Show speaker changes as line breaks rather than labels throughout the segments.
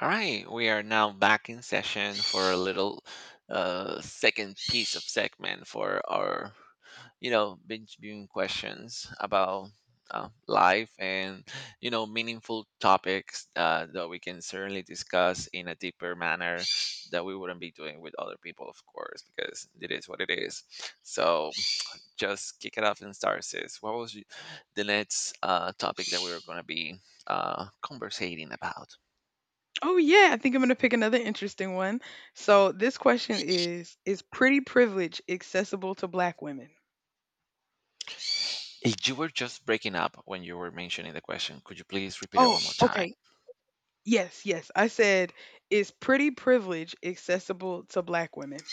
All right, we are now back in session for a little second piece of segment for our, you know, binge viewing questions about life and, you know, meaningful topics that we can certainly discuss in a deeper manner that we wouldn't be doing with other people, of course, because it is what it is. So just kick it off and start, sis. The next topic that we were going to be conversating about?
Oh yeah, I think I'm going to pick another interesting one. So this question is pretty privilege accessible to black women?
If you were just breaking up when you were mentioning the question, could you please repeat it
Oh,
one more time?
okay. Yes, yes. I said, is pretty privilege accessible to black women?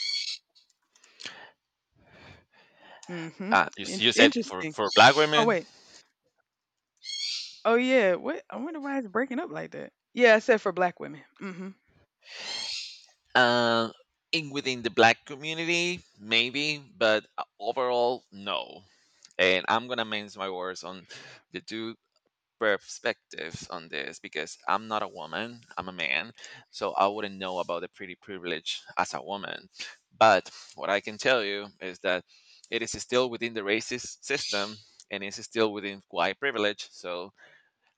Mhm.
You, you said
Interesting.
for black
Oh
women?
wait. Oh yeah. What? I wonder why it's breaking up like that. Yeah, I said for black women. Mhm.
Uh, in within the black community, maybe, but overall, no. And I'm gonna mince my words on the two perspectives on this because I'm not a woman, I'm a man, so I wouldn't know about the pretty privilege as a woman. But what I can tell you is that it is still within the racist system and it's still within white privilege. So,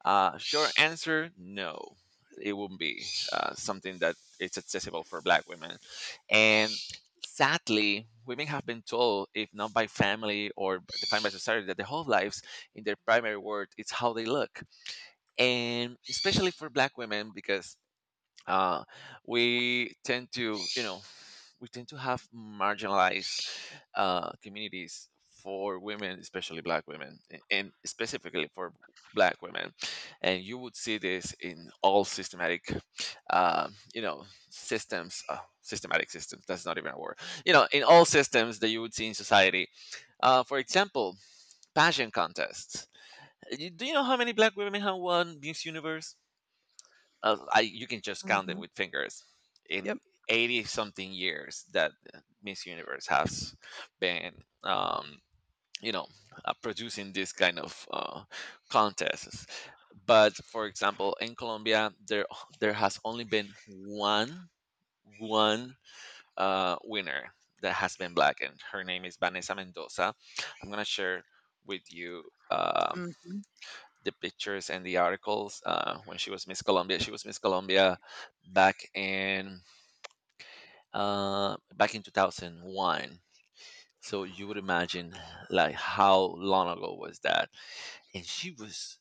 short answer no, it wouldn't be something that it's accessible for black women. And sadly, women have been told, if not by family or defined by society, that their whole lives in their primary world, it's how they look. And especially for black women because uh, we tend to, you know, we tend to have marginalized communities for women, especially black women, and specifically for black women. And you would see this in all systematic you know systems, systematic systems, that's not even a word, you know, in all systems that you would see in society, for example, pageant contests. Do you know how many black women have won Miss Universe? I, you can just count them
Mhm.
with fingers in
Yep.
80 something years that Miss Universe has been, you know, producing this kind of contests. But for example, in Colombia, there has only been one, one winner that has been black, and her name is Vanessa Mendoza. I'm going to share with you uh,
Mhm.
the pictures and the articles when she was Miss Colombia. She was Miss Colombia back in back in 2001. So you would imagine, like, how long ago was that? And she was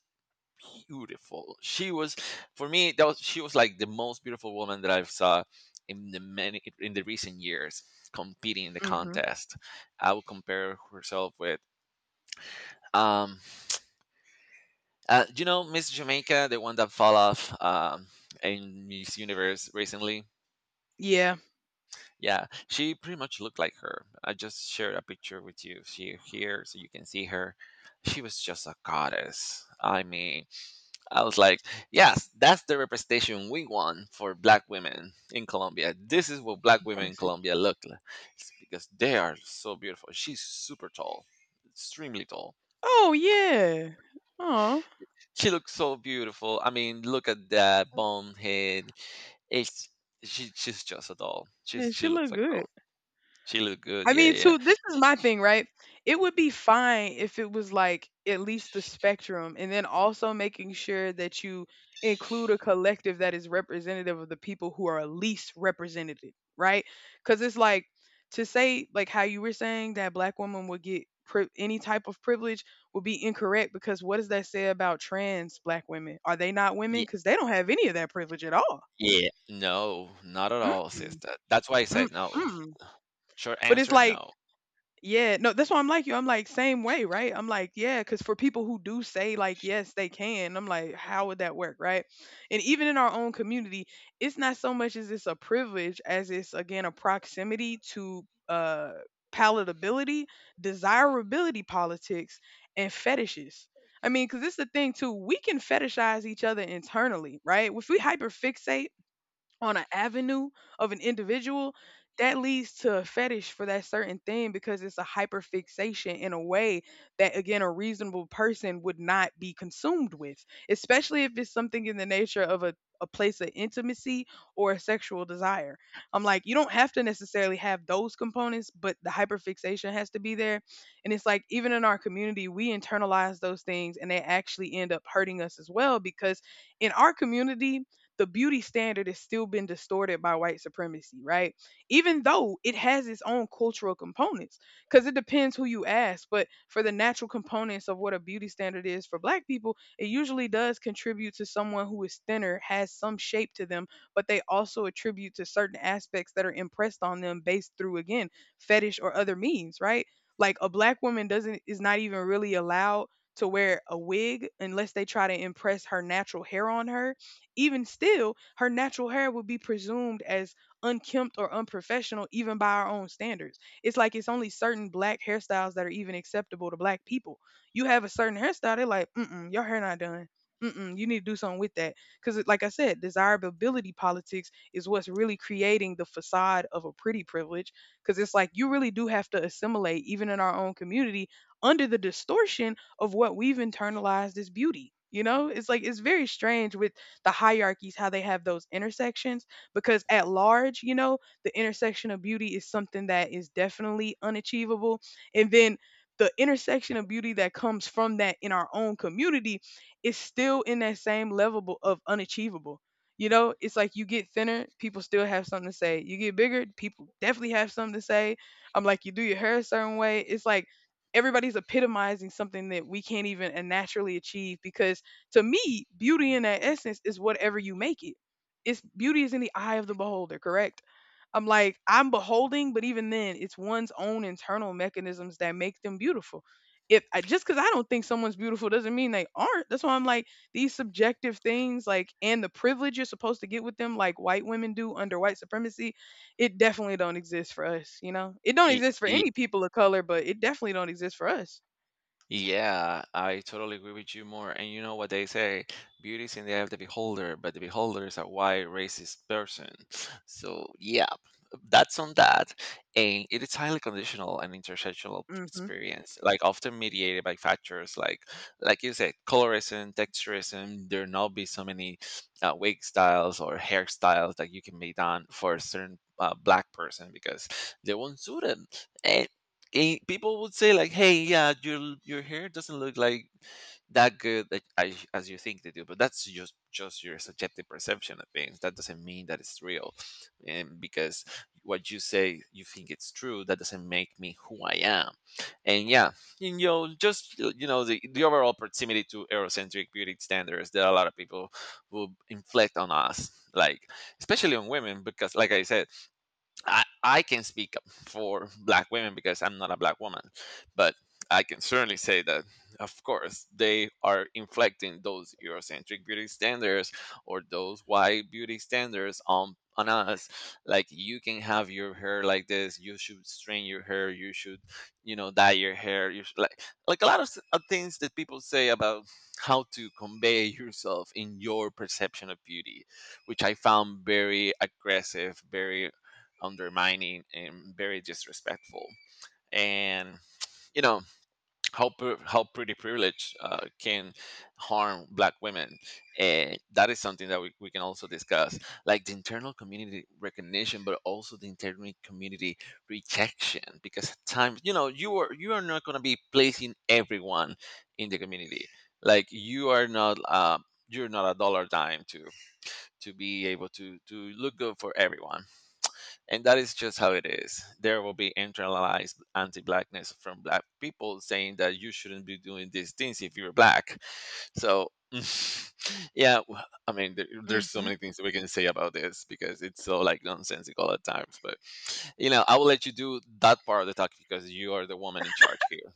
beautiful. She was, for me, that was, she was like the most beautiful woman that I've saw in the many in the recent years competing in the
Mhm.
contest. I would compare herself with um do you know Miss Jamaica, the one that fell off in Miss Universe recently?
Yeah.
Yeah, she pretty much looked like her. I just shared a picture with you, she, here, so you can see her. She was just a goddess. I mean, I was like, yes, that's the representation we want for black women in Colombia. This is what black
That
women in
makes sense.
Colombia look like. It's because they are so beautiful. She's super tall, extremely tall.
Oh yeah. Oh.
She looks so beautiful. I mean, look at that bone head. It's, she's just a doll.
Yeah,
She's
she
she looks
look
like a
good.
doll. She look good.
I
Yeah,
mean,
yeah.
too, this is my thing, right? It would be fine if it was like at least the spectrum, and then also making sure that you include a collective that is representative of the people who are least represented, right? Because it's like to say, like how you were saying that black women would get any type of privilege would be incorrect because what does that say about trans black women? Are they not women?
Yeah,
Because they don't have any of that privilege at all.
yeah. No, not at all,
Mm-mm,
sister. That's why I said no.
mm-mm.
Short
But it's
answer,
like.
no.
Yeah, no, that's why I'm like you. I'm like, same way, right? I'm like, yeah, because for people who do say like yes, they can. I'm like, how would that work, right? And even in our own community, it's not so much as it's a privilege as it's again a proximity to palatability, desirability politics, and fetishes. I mean, because it's the thing too. We can fetishize each other internally, right? If we hyperfixate on an avenue of an individual that leads to a fetish for that certain thing because it's a hyper fixation in a way that again a reasonable person would not be consumed with, especially if it's something in the nature of a place of intimacy or a sexual desire. I'm like, you don't have to necessarily have those components, but the hyperfixation has to be there. And it's like, even in our community, we internalize those things and they actually end up hurting us as well because in our community, the beauty standard has still been distorted by white supremacy, right? Even though it has its own cultural components, because it depends who you ask. But for the natural components of what a beauty standard is for black people, it usually does contribute to someone who is thinner, has some shape to them, but they also attribute to certain aspects that are impressed on them based through, again, fetish or other means, right? Like a black woman doesn't, is not even really allowed to wear a wig unless they try to impress her natural hair on her. Even still, her natural hair would be presumed as unkempt or unprofessional, even by our own standards. It's like it's only certain black hairstyles that are even acceptable to black people. You have a certain hairstyle, they're like, mm-mm, your hair not done. Mm-mm, you need to do something with that. Because, like I said, desirability politics is what's really creating the facade of a pretty privilege. Because it's like you really do have to assimilate, even in our own community, under the distortion of what we've internalized as beauty. You know, it's like it's very strange with the hierarchies, how they have those intersections. Because at large, you know, the intersection of beauty is something that is definitely unachievable. And then the intersection of beauty that comes from that in our own community is still in that same level of unachievable. You know, it's like you get thinner, people still have something to say. You get bigger, people definitely have something to say. I'm like, you do your hair a certain way. It's like everybody's epitomizing something that we can't even naturally achieve because to me, beauty in that essence is whatever you make it. It's, beauty is in the eye of the beholder, correct? I'm like, I'm beholding, but even then, it's one's own internal mechanisms that make them beautiful. If I, just because I don't think someone's beautiful doesn't mean they aren't. That's why I'm like, these subjective things, like, and the privilege you're supposed to get with them, like white women do under white supremacy, it definitely don't exist for us, you know? It don't
I-
exist for any people of color, but it definitely don't exist for us.
Yeah, I totally agree with you more. And you know what they say, beauty is in the eye of the beholder, but the beholder is a white racist person. So yeah, that's on that. And it is highly conditional and intersectional
Hmm.
experience, like often mediated by factors like you said, colorism, texturism. There not be so many wig styles or hairstyles that you can be done for a certain black person because they won't suit it. People would say like, "Hey, yeah, your hair doesn't look like that good that- as you think they do," but that's just your subjective perception of things. That doesn't mean that it's real, and because what you say you think it's true, that doesn't make me who I am. And yeah, you know, just you know, the overall proximity to Eurocentric beauty standards that a lot of people will inflict on us, like especially on women, because like I said, I can speak up for black women because I'm not a black woman, but I can certainly say that, of course, they are inflecting those Eurocentric beauty standards or those white beauty standards on us. Like you can have your hair like this, you should strain your hair, you should, you know, dye your hair. You should, like a lot of of things that people say about how to convey yourself in your perception of beauty, which I found very aggressive, very undermining and very disrespectful. And, you know, how how pretty privilege can harm black women, and that is something that we can also discuss, like the internal community recognition but also the internal community rejection, because at times, you know, you are not going to be placing everyone in the community. Like you are not you're not a dollar dime to be able to look good for everyone, and that is just how it is. There will be internalized anti blackness from black people saying that you shouldn't be doing these things if you're black. So, yeah, I mean, there's so
Hmm.
many things that we can say about this because it's so like nonsensical at times. But, you know, I will let you do that part of the talk because you are the woman in charge here.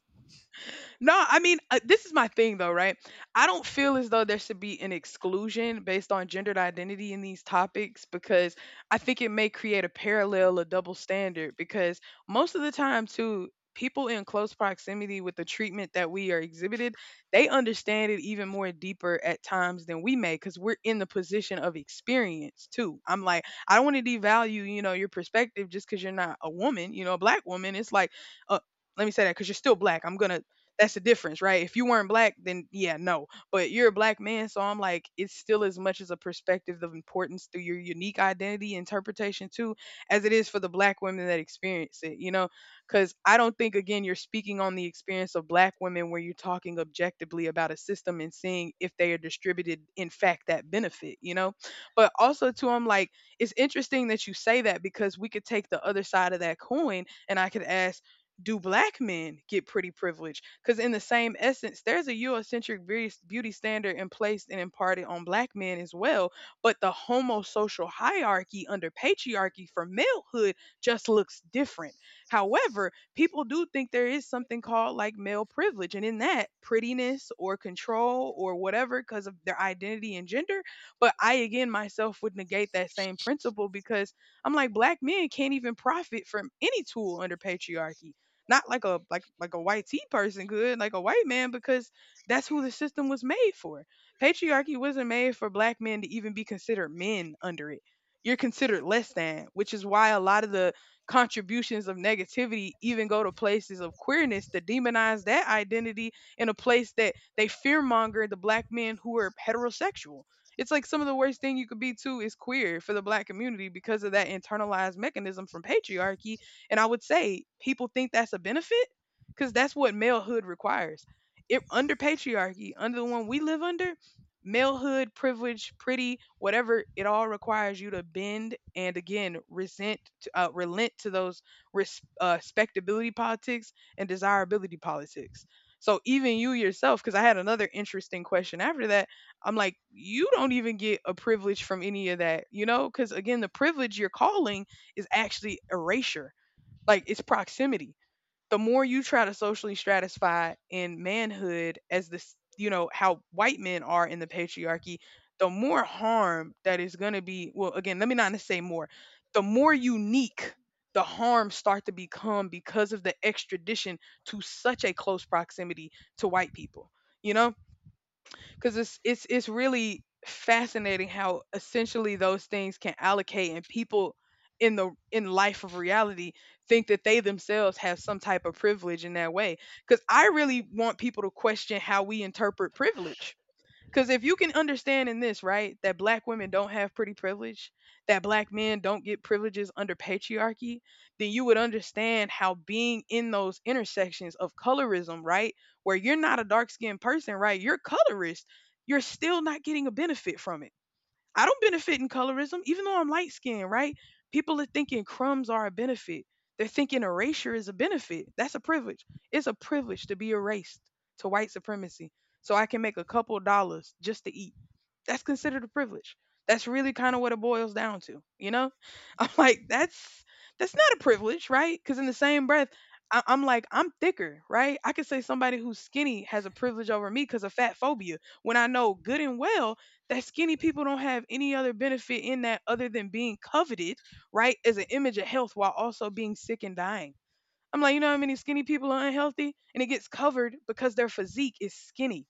No, I mean, this is my thing though, right? I don't feel as though there should be an exclusion based on gendered identity in these topics because I think it may create a parallel, a double standard. Because most of the time, too, people in close proximity with the treatment that we are exhibited, they understand it even more deeper at times than we may because we're in the position of experience, too. I'm like, I don't want to devalue, you know, your perspective just because you're not a woman, you know, a black woman. It's like, uh, let me say that because you're still black. I'm gonna That's the difference, right? If you weren't black, then yeah, no. But you're a black man, so I'm like, it's still as much as a perspective of importance through your unique identity interpretation too, as it is for the black women that experience it, you know? Because I don't think again you're speaking on the experience of black women where you're talking objectively about a system and seeing if they are distributed in fact that benefit, you know? But also too, I'm like, it's interesting that you say that because we could take the other side of that coin and I could ask, do black men get pretty privilege? Because in the same essence, there's a Eurocentric beauty standard in place and imparted on black men as well. But the homosocial hierarchy under patriarchy for malehood just looks different. However, people do think there is something called like male privilege, and in that, prettiness or control or whatever because of their identity and gender. But I again myself would negate that same principle because I'm like black men can't even profit from any tool under patriarchy, not like a white tea person could, like a white man, because that's who the system was made for. Patriarchy wasn't made for black men to even be considered men under it. You're considered less than, which is why a lot of the contributions of negativity even go to places of queerness to demonize that identity in a place that they fearmonger the black men who are heterosexual. It's like some of the worst thing you could be too is queer for the black community because of that internalized mechanism from patriarchy, and I would say people think that's a benefit because that's what malehood requires. It, under patriarchy, under the one we live under, malehood, privilege, pretty, whatever, it all requires you to bend and again resent, relent to those respectability politics and desirability politics. So even you yourself, because I had another interesting question after that. I'm like, you don't even get a privilege from any of that, you know? Because again, the privilege you're calling is actually erasure, like it's proximity. The more you try to socially stratify in manhood as this, you know, how white men are in the patriarchy, the more harm that is going to be. Well, again, let me not say more. The more unique the harms start to become because of the extradition to such a close proximity to white people. You know, because it's really fascinating how essentially those things can allocate and people in the in life of reality think that they themselves have some type of privilege in that way because I really want people to question how we interpret privilege. Because if you can understand in this, right, that black women don't have pretty privilege, that black men don't get privileges under patriarchy, then you would understand how being in those intersections of colorism, right, where you're not a dark skinned person, right, you're colorist, you're still not getting a benefit from it. I don't benefit in colorism, even though I'm light skinned, right? People are thinking crumbs are a benefit. They're thinking erasure is a benefit. That's a privilege. It's a privilege to be erased to white supremacy. So I can make a couple dollars just to eat. That's considered a privilege. That's really kind of what it boils down to, you know? I'm like, that's not a privilege, right? Because in the same breath, I'm like, I'm thicker, right? I could say somebody who's skinny has a privilege over me because of fat phobia when I know good and well that skinny people don't have any other benefit in that other than being coveted, right, as an image of health while also being sick and dying. I'm like, you know how many skinny people are unhealthy, and it gets covered because their physique is skinny.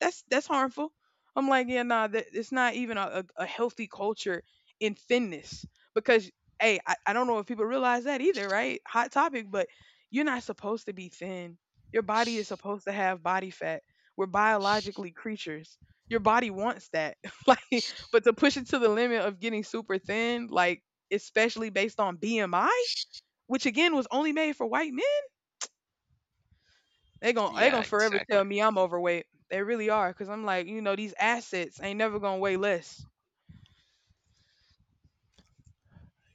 That's harmful. I'm like, yeah, nah, it's not even a healthy culture in thinness because, hey, I don't know if people realize that either, right? Hot topic, but you're not supposed to be thin. Your body is supposed to have body fat. We're biologically creatures. Your body wants that. Like, but to push it to the limit of getting super thin, like especially based on BMI, which again was only made for white men. They
Yeah,
gonna forever
exactly.
tell me I'm overweight. They really are, because 'cause I'm like, these assets ain't never gonna weigh less.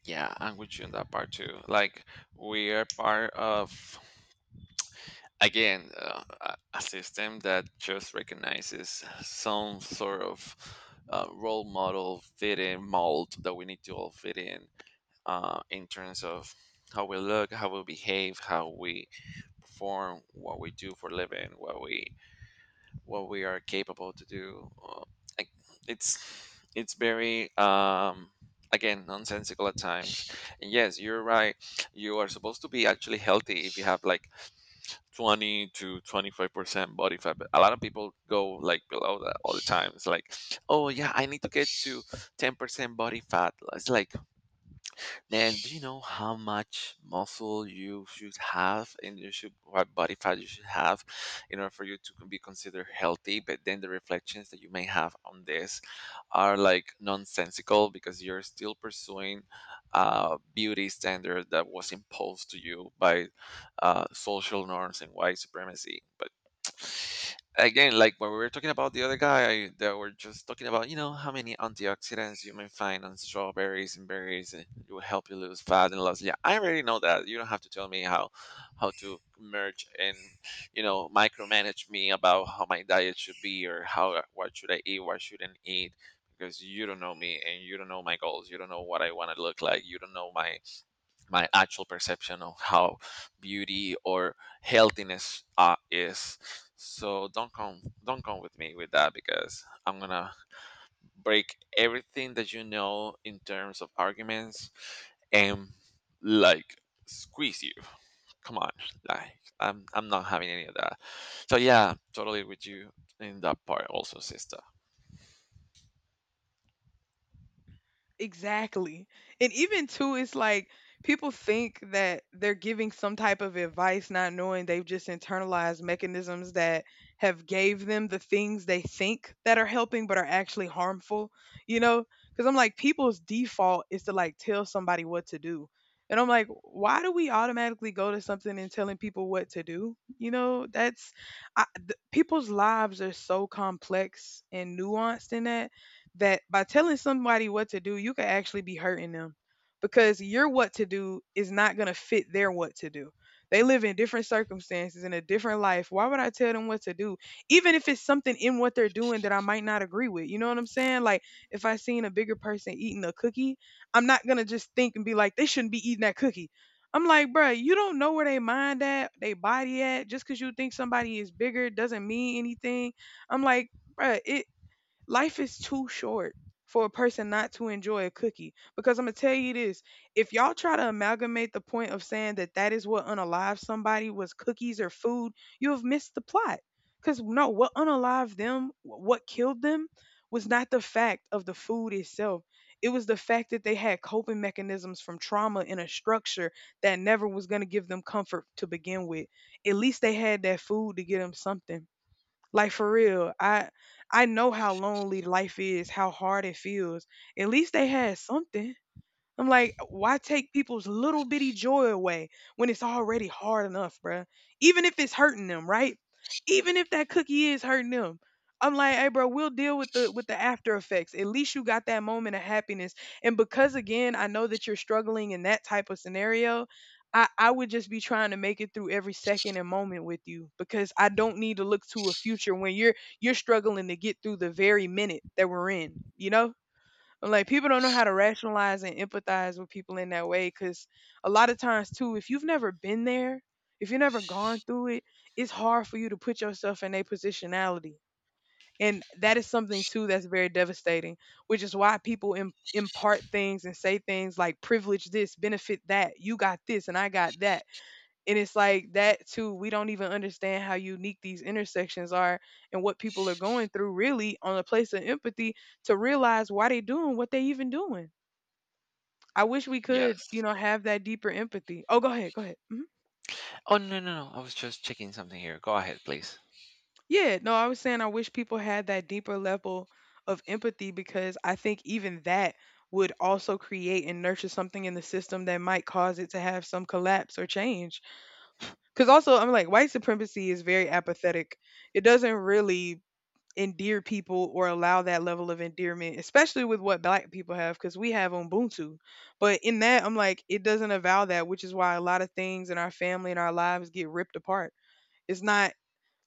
Yeah, I'm with you on that part too. Like, we are part of, again, a system that just recognizes some sort of role model fitting mold that we need to all fit in terms of how we look, how we behave, how we perform, what we do for a living, what we, what we are capable to do, like, it's it's very, again nonsensical at times. And yes, you're right, you are supposed to be actually healthy if you have like 20 to 25% body fat. But a lot of people go like below that all the time. It's like, oh, yeah, I need to get to 10% body fat. It's like, and do you know how much muscle you should have and you should what body fat you should have in order for you to be considered healthy? But then the reflections that you may have on this are like nonsensical because you're still pursuing a beauty standard that was imposed to you by social norms and white supremacy. But again, like when we were talking about the other guy, that we're just talking about, you know, how many antioxidants you may find on strawberries and berries, and it will help you lose fat and loss. Yeah, I already know that. You don't have to tell me how, to merge and, you know, micromanage me about how my diet should be or how, what should I eat, what shouldn't eat, because you don't know me and you don't know my goals. You don't know what I want to look like. You don't know my, my actual perception of how beauty or healthiness is. So don't come with me with that because I'm gonna break everything that you know in terms of arguments and, like, squeeze you. Come on, like, I'm not having any of that. So yeah, totally with you in that part also, sister.
Exactly. And even too, it's like people think that they're giving some type of advice, not knowing they've just internalized mechanisms that have gave them the things they think that are helping but are actually harmful, you know? Because I'm like, people's default is to like tell somebody what to do. And I'm like, why do we automatically go to something and telling people what to do? You know, that's people's lives are so complex and nuanced in that by telling somebody what to do, you could actually be hurting them because your what to do is not going to fit their what to do. They live in different circumstances in a different life. Why would I tell them what to do? Even if it's something in what they're doing that I might not agree with. You know what I'm saying? Like if I seen a bigger person eating a cookie, I'm not going to just think and be like they shouldn't be eating that cookie. I'm like, bruh, you don't know where they mind at, they body at. Just because you think somebody is bigger doesn't mean anything. I'm like, bruh, it Life is too short for a person not to enjoy a cookie because I'm going to tell you this. If y'all try to amalgamate the point of saying that that is what unalived somebody was cookies or food, you have missed the plot. Because no, what unalived them, what killed them, was not the fact of the food itself. It was the fact that they had coping mechanisms from trauma in a structure that never was going to give them comfort to begin with. At least they had that food to get them something. Like for real, I know how lonely life is, how hard it feels. At least they had something. I'm like, why take people's little bitty joy away when it's already hard enough, bruh? Even if it's hurting them, right? Even if that cookie is hurting them. I'm like, hey, bro, we'll deal with the after effects. At least you got that moment of happiness. And because again, I know that you're struggling in that type of scenario, I would just be trying to make it through every second and moment with you because I don't need to look to a future when you're struggling to get through the very minute that we're in, you know? Like people don't know how to rationalize and empathize with people in that way because a lot of times too, if you've never been there, if you've never gone through it, it's hard for you to put yourself in a positionality. And that is something too that's very devastating, which is why people impart things and say things like privilege this, benefit that, you got this and I got that and it's like that too. We don't even understand how unique these intersections are and what people are going through really on a place of empathy to realize why they doing what they even doing. I wish we could, you
Yes.
know, have that deeper empathy. Oh, go ahead, go ahead.
Oh no no no! I was just checking something here. Go ahead, please.
Yeah, no, I was saying I wish people had that deeper level of empathy because I think even that would also create and nurture something in the system that might cause it to have some collapse or change. Because also, I'm like, white supremacy is very apathetic. It doesn't really endear people or allow that level of endearment, especially with what black people have, because we have Ubuntu. But in that, I'm like, it doesn't avow that, which is why a lot of things in our family and our lives get ripped apart. It's not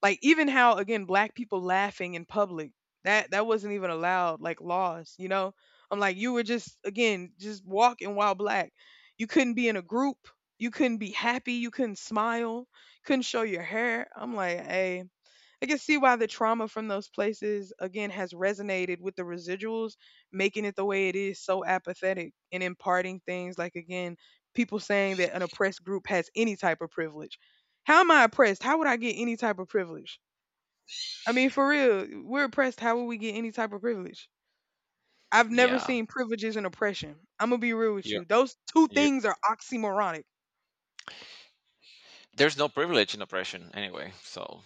like even how again black people laughing in public, that that wasn't even allowed, like laws, you know. I'm like, you were just again just walking while black, you couldn't be in a group, you couldn't be happy, you couldn't smile, couldn't show your hair. I'm like, hey, I can see why the trauma from those places again has resonated with the residuals, making it the way it is so apathetic and imparting things like again, people saying that an oppressed group has any type of privilege. How am I oppressed? How would I get any type of privilege? I mean, for real, we're oppressed. How would we get any type of privilege? I've never
Yeah.
seen privileges and oppression. I'm gonna be real with you. Those two
You're,
things are oxymoronic.
there's no privilege in oppression anyway, so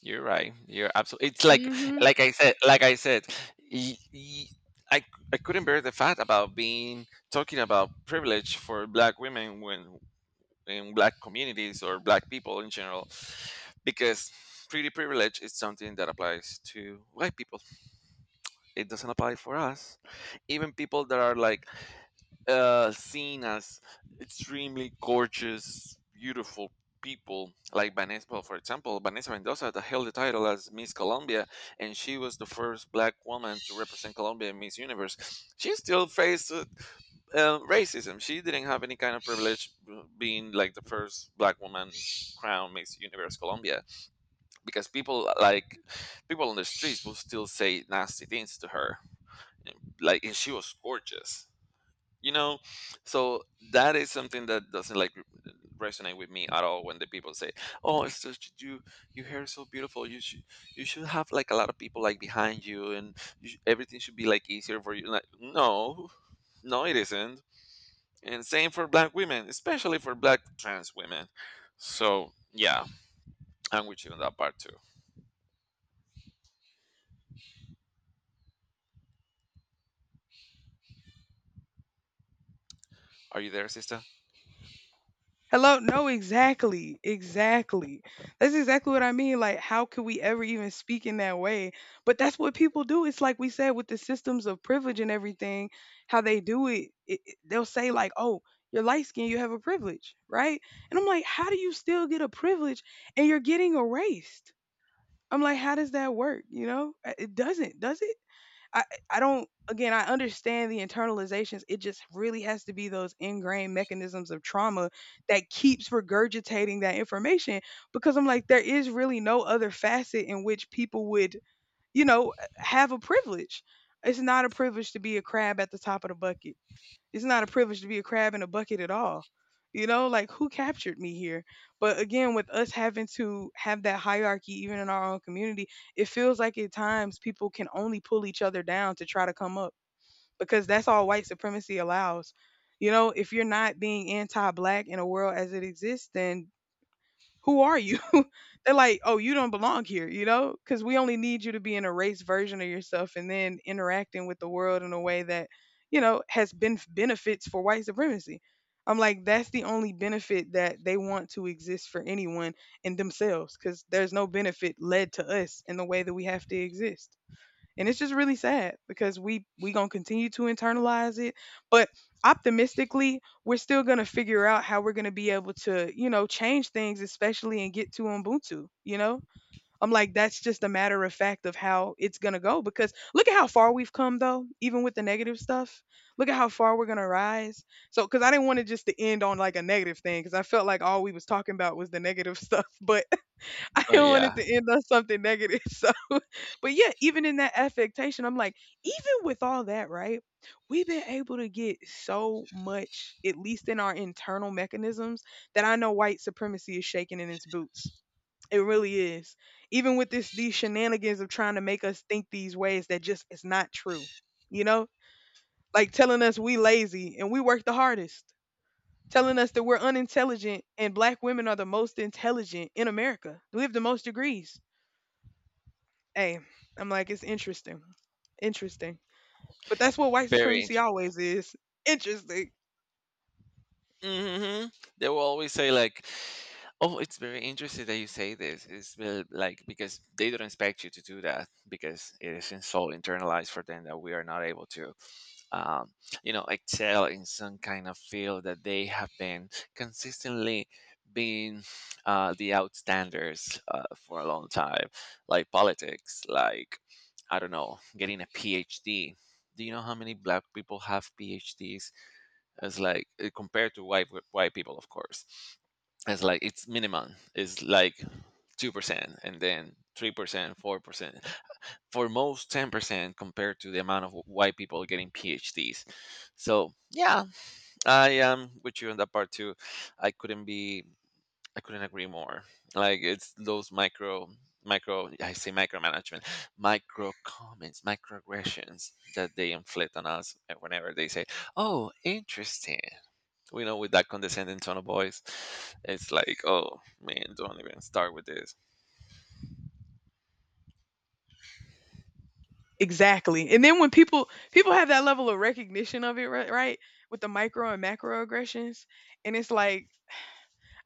you're right, you're absolutely. It's like,
Hmm.
like I said, y- y- I, c- I couldn't bear the fact about being talking about privilege for black women when in black communities or black people in general, because pretty privilege is something that applies to white people, it doesn't apply for us. Even people that are like seen as extremely gorgeous, beautiful people, like Vanessa, well, for example, Vanessa Mendoza that held the title as Miss Colombia, and she was the first black woman to represent Colombia in Miss Universe. She still faced racism. She didn't have any kind of privilege being like the first black woman crowned Miss Universe Colombia, because people on the streets will still say nasty things to her. Like, and she was gorgeous, you know, so that is something that doesn't like resonate with me at all when the people say, oh, it's just you, your hair is so beautiful, you should, you should have like a lot of people like behind you, and you everything should be like easier for you. Like, no, no, it isn't. And same for black women, especially for black trans women. So yeah, I'm with you on that part too. Are you there, sister?
Hello, no, exactly, exactly. That's exactly what I mean. Like, how could we ever even speak in that way? But that's what people do. It's like we said with the systems of privilege and everything, how they do it, they'll say, like, oh, you're light skinned, you have a privilege, right? And I'm like, how do you still get a privilege and you're getting erased? I'm like, how does that work? You know, it doesn't, does it? I I don't, again, I understand the internalizations. It just really has to be those ingrained mechanisms of trauma that keeps regurgitating that information because I'm like there is really no other facet in which people would, you know, have a privilege. It's not a privilege to be a crab at the top of the bucket. It's not a privilege to be a crab in a bucket at all. You know, like who captured me here? But again, with us having to have that hierarchy even in our own community, it feels like at times people can only pull each other down to try to come up because that's all white supremacy allows. You know, if you're not being anti black in a world as it exists, then who are you? They're like, oh, you don't belong here, you know, because we only need you to be an erased version of yourself and then interacting with the world in a way that, you know, has been benefits for white supremacy. I'm like, that's the only benefit that they want to exist for anyone and themselves, because there's no benefit led to us in the way that we have to exist and it's just really sad because we gonna continue to internalize it, but optimistically we're still gonna figure out how we're gonna be able to, you know, change things especially and get to ubuntu, you know. I'm like, that's just a matter of fact of how it's gonna go because look at how far we've come though, even with the negative stuff. Look at how far we're gonna rise. So because I didn't want to just to end on like a negative thing because I felt like all we was talking about was the negative stuff, but I
Oh
don't want
yeah.
it to end on something negative. So, but yeah, even in that affectation, I'm like, even with all that, right? We've been able to get so much, at least in our internal mechanisms, that I know white supremacy is shaking in its boots. It really is. Even with this, these shenanigans of trying to make us think these ways that just is not true. You know, like telling us we lazy and we work the hardest, telling us that we're unintelligent and black women are the most intelligent in America. We have the most degrees. Hey, I'm like, it's interesting. Interesting. But that's what white
Very
supremacy
interesting.
always is. Interesting.
hmm they will always say like, "Oh, it's very interesting that you say this." It's, like, because they don't expect you to do that because it isn't so internalized for them that we are not able to, um, you know, excel in some kind of field that they have been consistently being the outstanders for a long time, like politics, like, I don't know, getting a PhD. Do you know how many black people have PhDs? As like, compared to white people, of course. It's like it's minimum. It's like 2%, and then 3%, 4%, for most 10% compared to the amount of white people getting PhDs. So yeah, I am with you on that part too. I couldn't be, I couldn't agree more. Like it's those micro, I say micromanagement, micro comments, microaggressions that they inflict on us whenever they say, "Oh, interesting." We know with that condescending tone of voice, it's like, oh man, don't even start with this.
Exactly. And then when people have that level of recognition of it, right? With the micro and macro aggressions, and it's like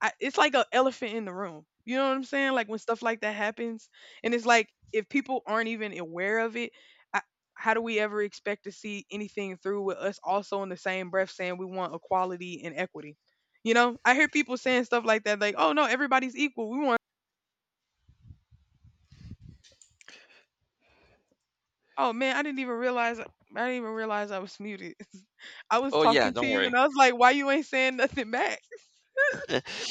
it's like an elephant in the room. You know what I'm saying? Like when stuff like that happens, and it's like if people aren't even aware of it, I, how do we ever expect to see anything through with us also in the same breath saying we want equality and equity? You know, I hear people saying stuff like that, like, "Oh no, everybody's equal. We want." Oh man, I didn't even realize. I didn't even realize I was muted. I was
Oh yeah,
talking to
don't
you,
worry.
and I was like, "Why you ain't saying nothing back?"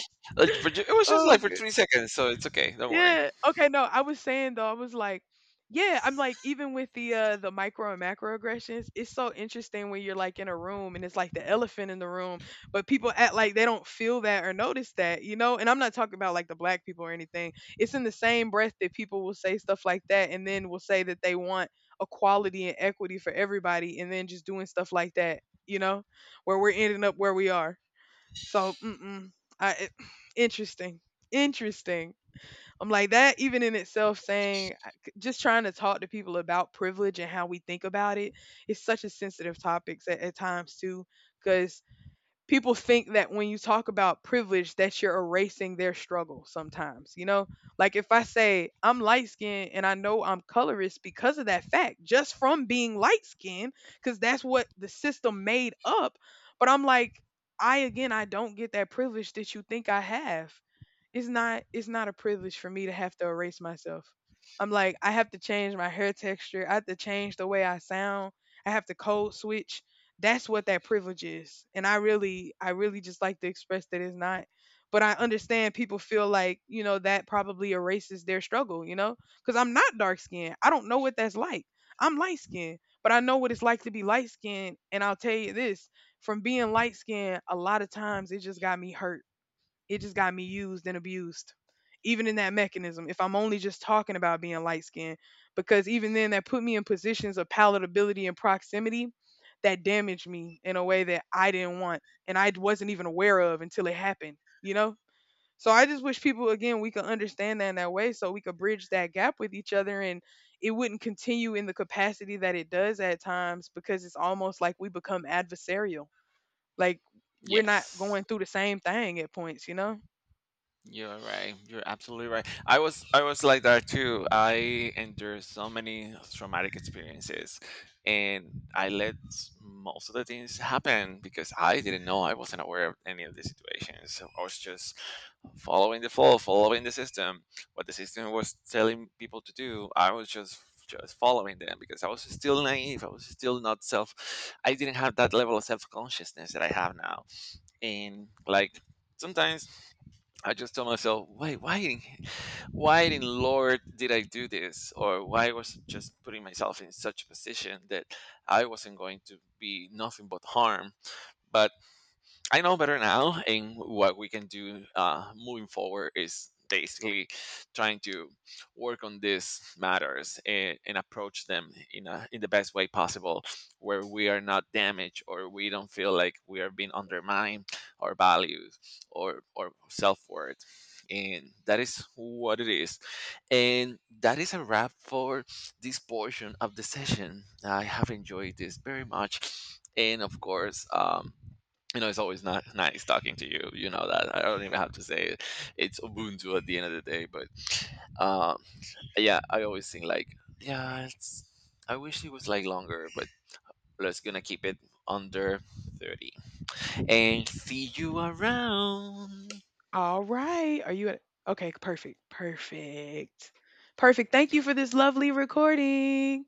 Like, but it was just
Oh.
like for 3 seconds, so it's okay, don't worry.
Yeah. Okay. No, I was saying though, I was like, yeah, I'm like, even with the micro and macro aggressions, it's so interesting when you're like in a room and it's like the elephant in the room, but people act like they don't feel that or notice that, you know? And I'm not talking about like the black people or anything. It's in the same breath that people will say stuff like that and then will say that they want equality and equity for everybody and then just doing stuff like that, you know, where we're ending up where we are. So, mm-mm. I, it, interesting. Interesting. I'm like that even in itself saying just trying to talk to people about privilege and how we think about it is such a sensitive topic at times too cuz people think that when you talk about privilege that you're erasing their struggle sometimes, you know? Like if I say I'm light skinned and I know I'm colorist because of that fact, just from being light skinned cuz that's what the system made up, but I'm like I again I don't get that privilege that you think I have. It's not it's not a privilege for me to have to erase myself. I'm like I have to change my hair texture, I have to change the way I sound, I have to code switch. That's what that privilege is. And I really just like to express that it's not, but I understand people feel like, you know, that probably erases their struggle, you know? Cuz I'm not dark skinned. I don't know what that's like. I'm light skinned, but I know what it's like to be light skinned and I'll tell you this, from being light skinned, a lot of times it just got me hurt, it just got me used and abused, even in that mechanism. If I'm only just talking about being light skinned, because even then, that put me in positions of palatability and proximity that damaged me in a way that I didn't want and I wasn't even aware of until it happened, you know? So I just wish people, again, we could understand that in that way so we could bridge that gap with each other and it wouldn't continue in the capacity that it does at times because it's almost like we become adversarial. Like we're not
Yes.
going through the same thing at points, you know?
You're right. You're absolutely right. I was like that too. I endured so many traumatic experiences, and I let most of the things happen because I didn't know I wasn't aware of any of the situations. So I was just following the flow, following the system, what the system was telling people to do. I was just, following them because I was still naive. I was still not self, I didn't have that level of self consciousness that I have now. And like sometimes I just told myself, wait, why in Lord did I do this, or why was just putting myself in such a position that I wasn't going to be nothing but harm. But I know better now, and what we can do moving forward is basically trying to work on these matters and approach them in a, in the best way possible, where we are not damaged or we don't feel like we are being undermined our values, or self worth, and that is what it is, and that is a wrap for this portion of the session. I have enjoyed this very much, and of course. You know, it's always not nice talking to you. You know that. I don't even have to say it. It's Ubuntu at the end of the day. But um, yeah, I always think like, yeah, it's. I wish it was like longer, but let's gonna keep it under 30. And see you around.
All right. Are you at Okay, perfect. Perfect. Perfect. Thank you for this lovely recording.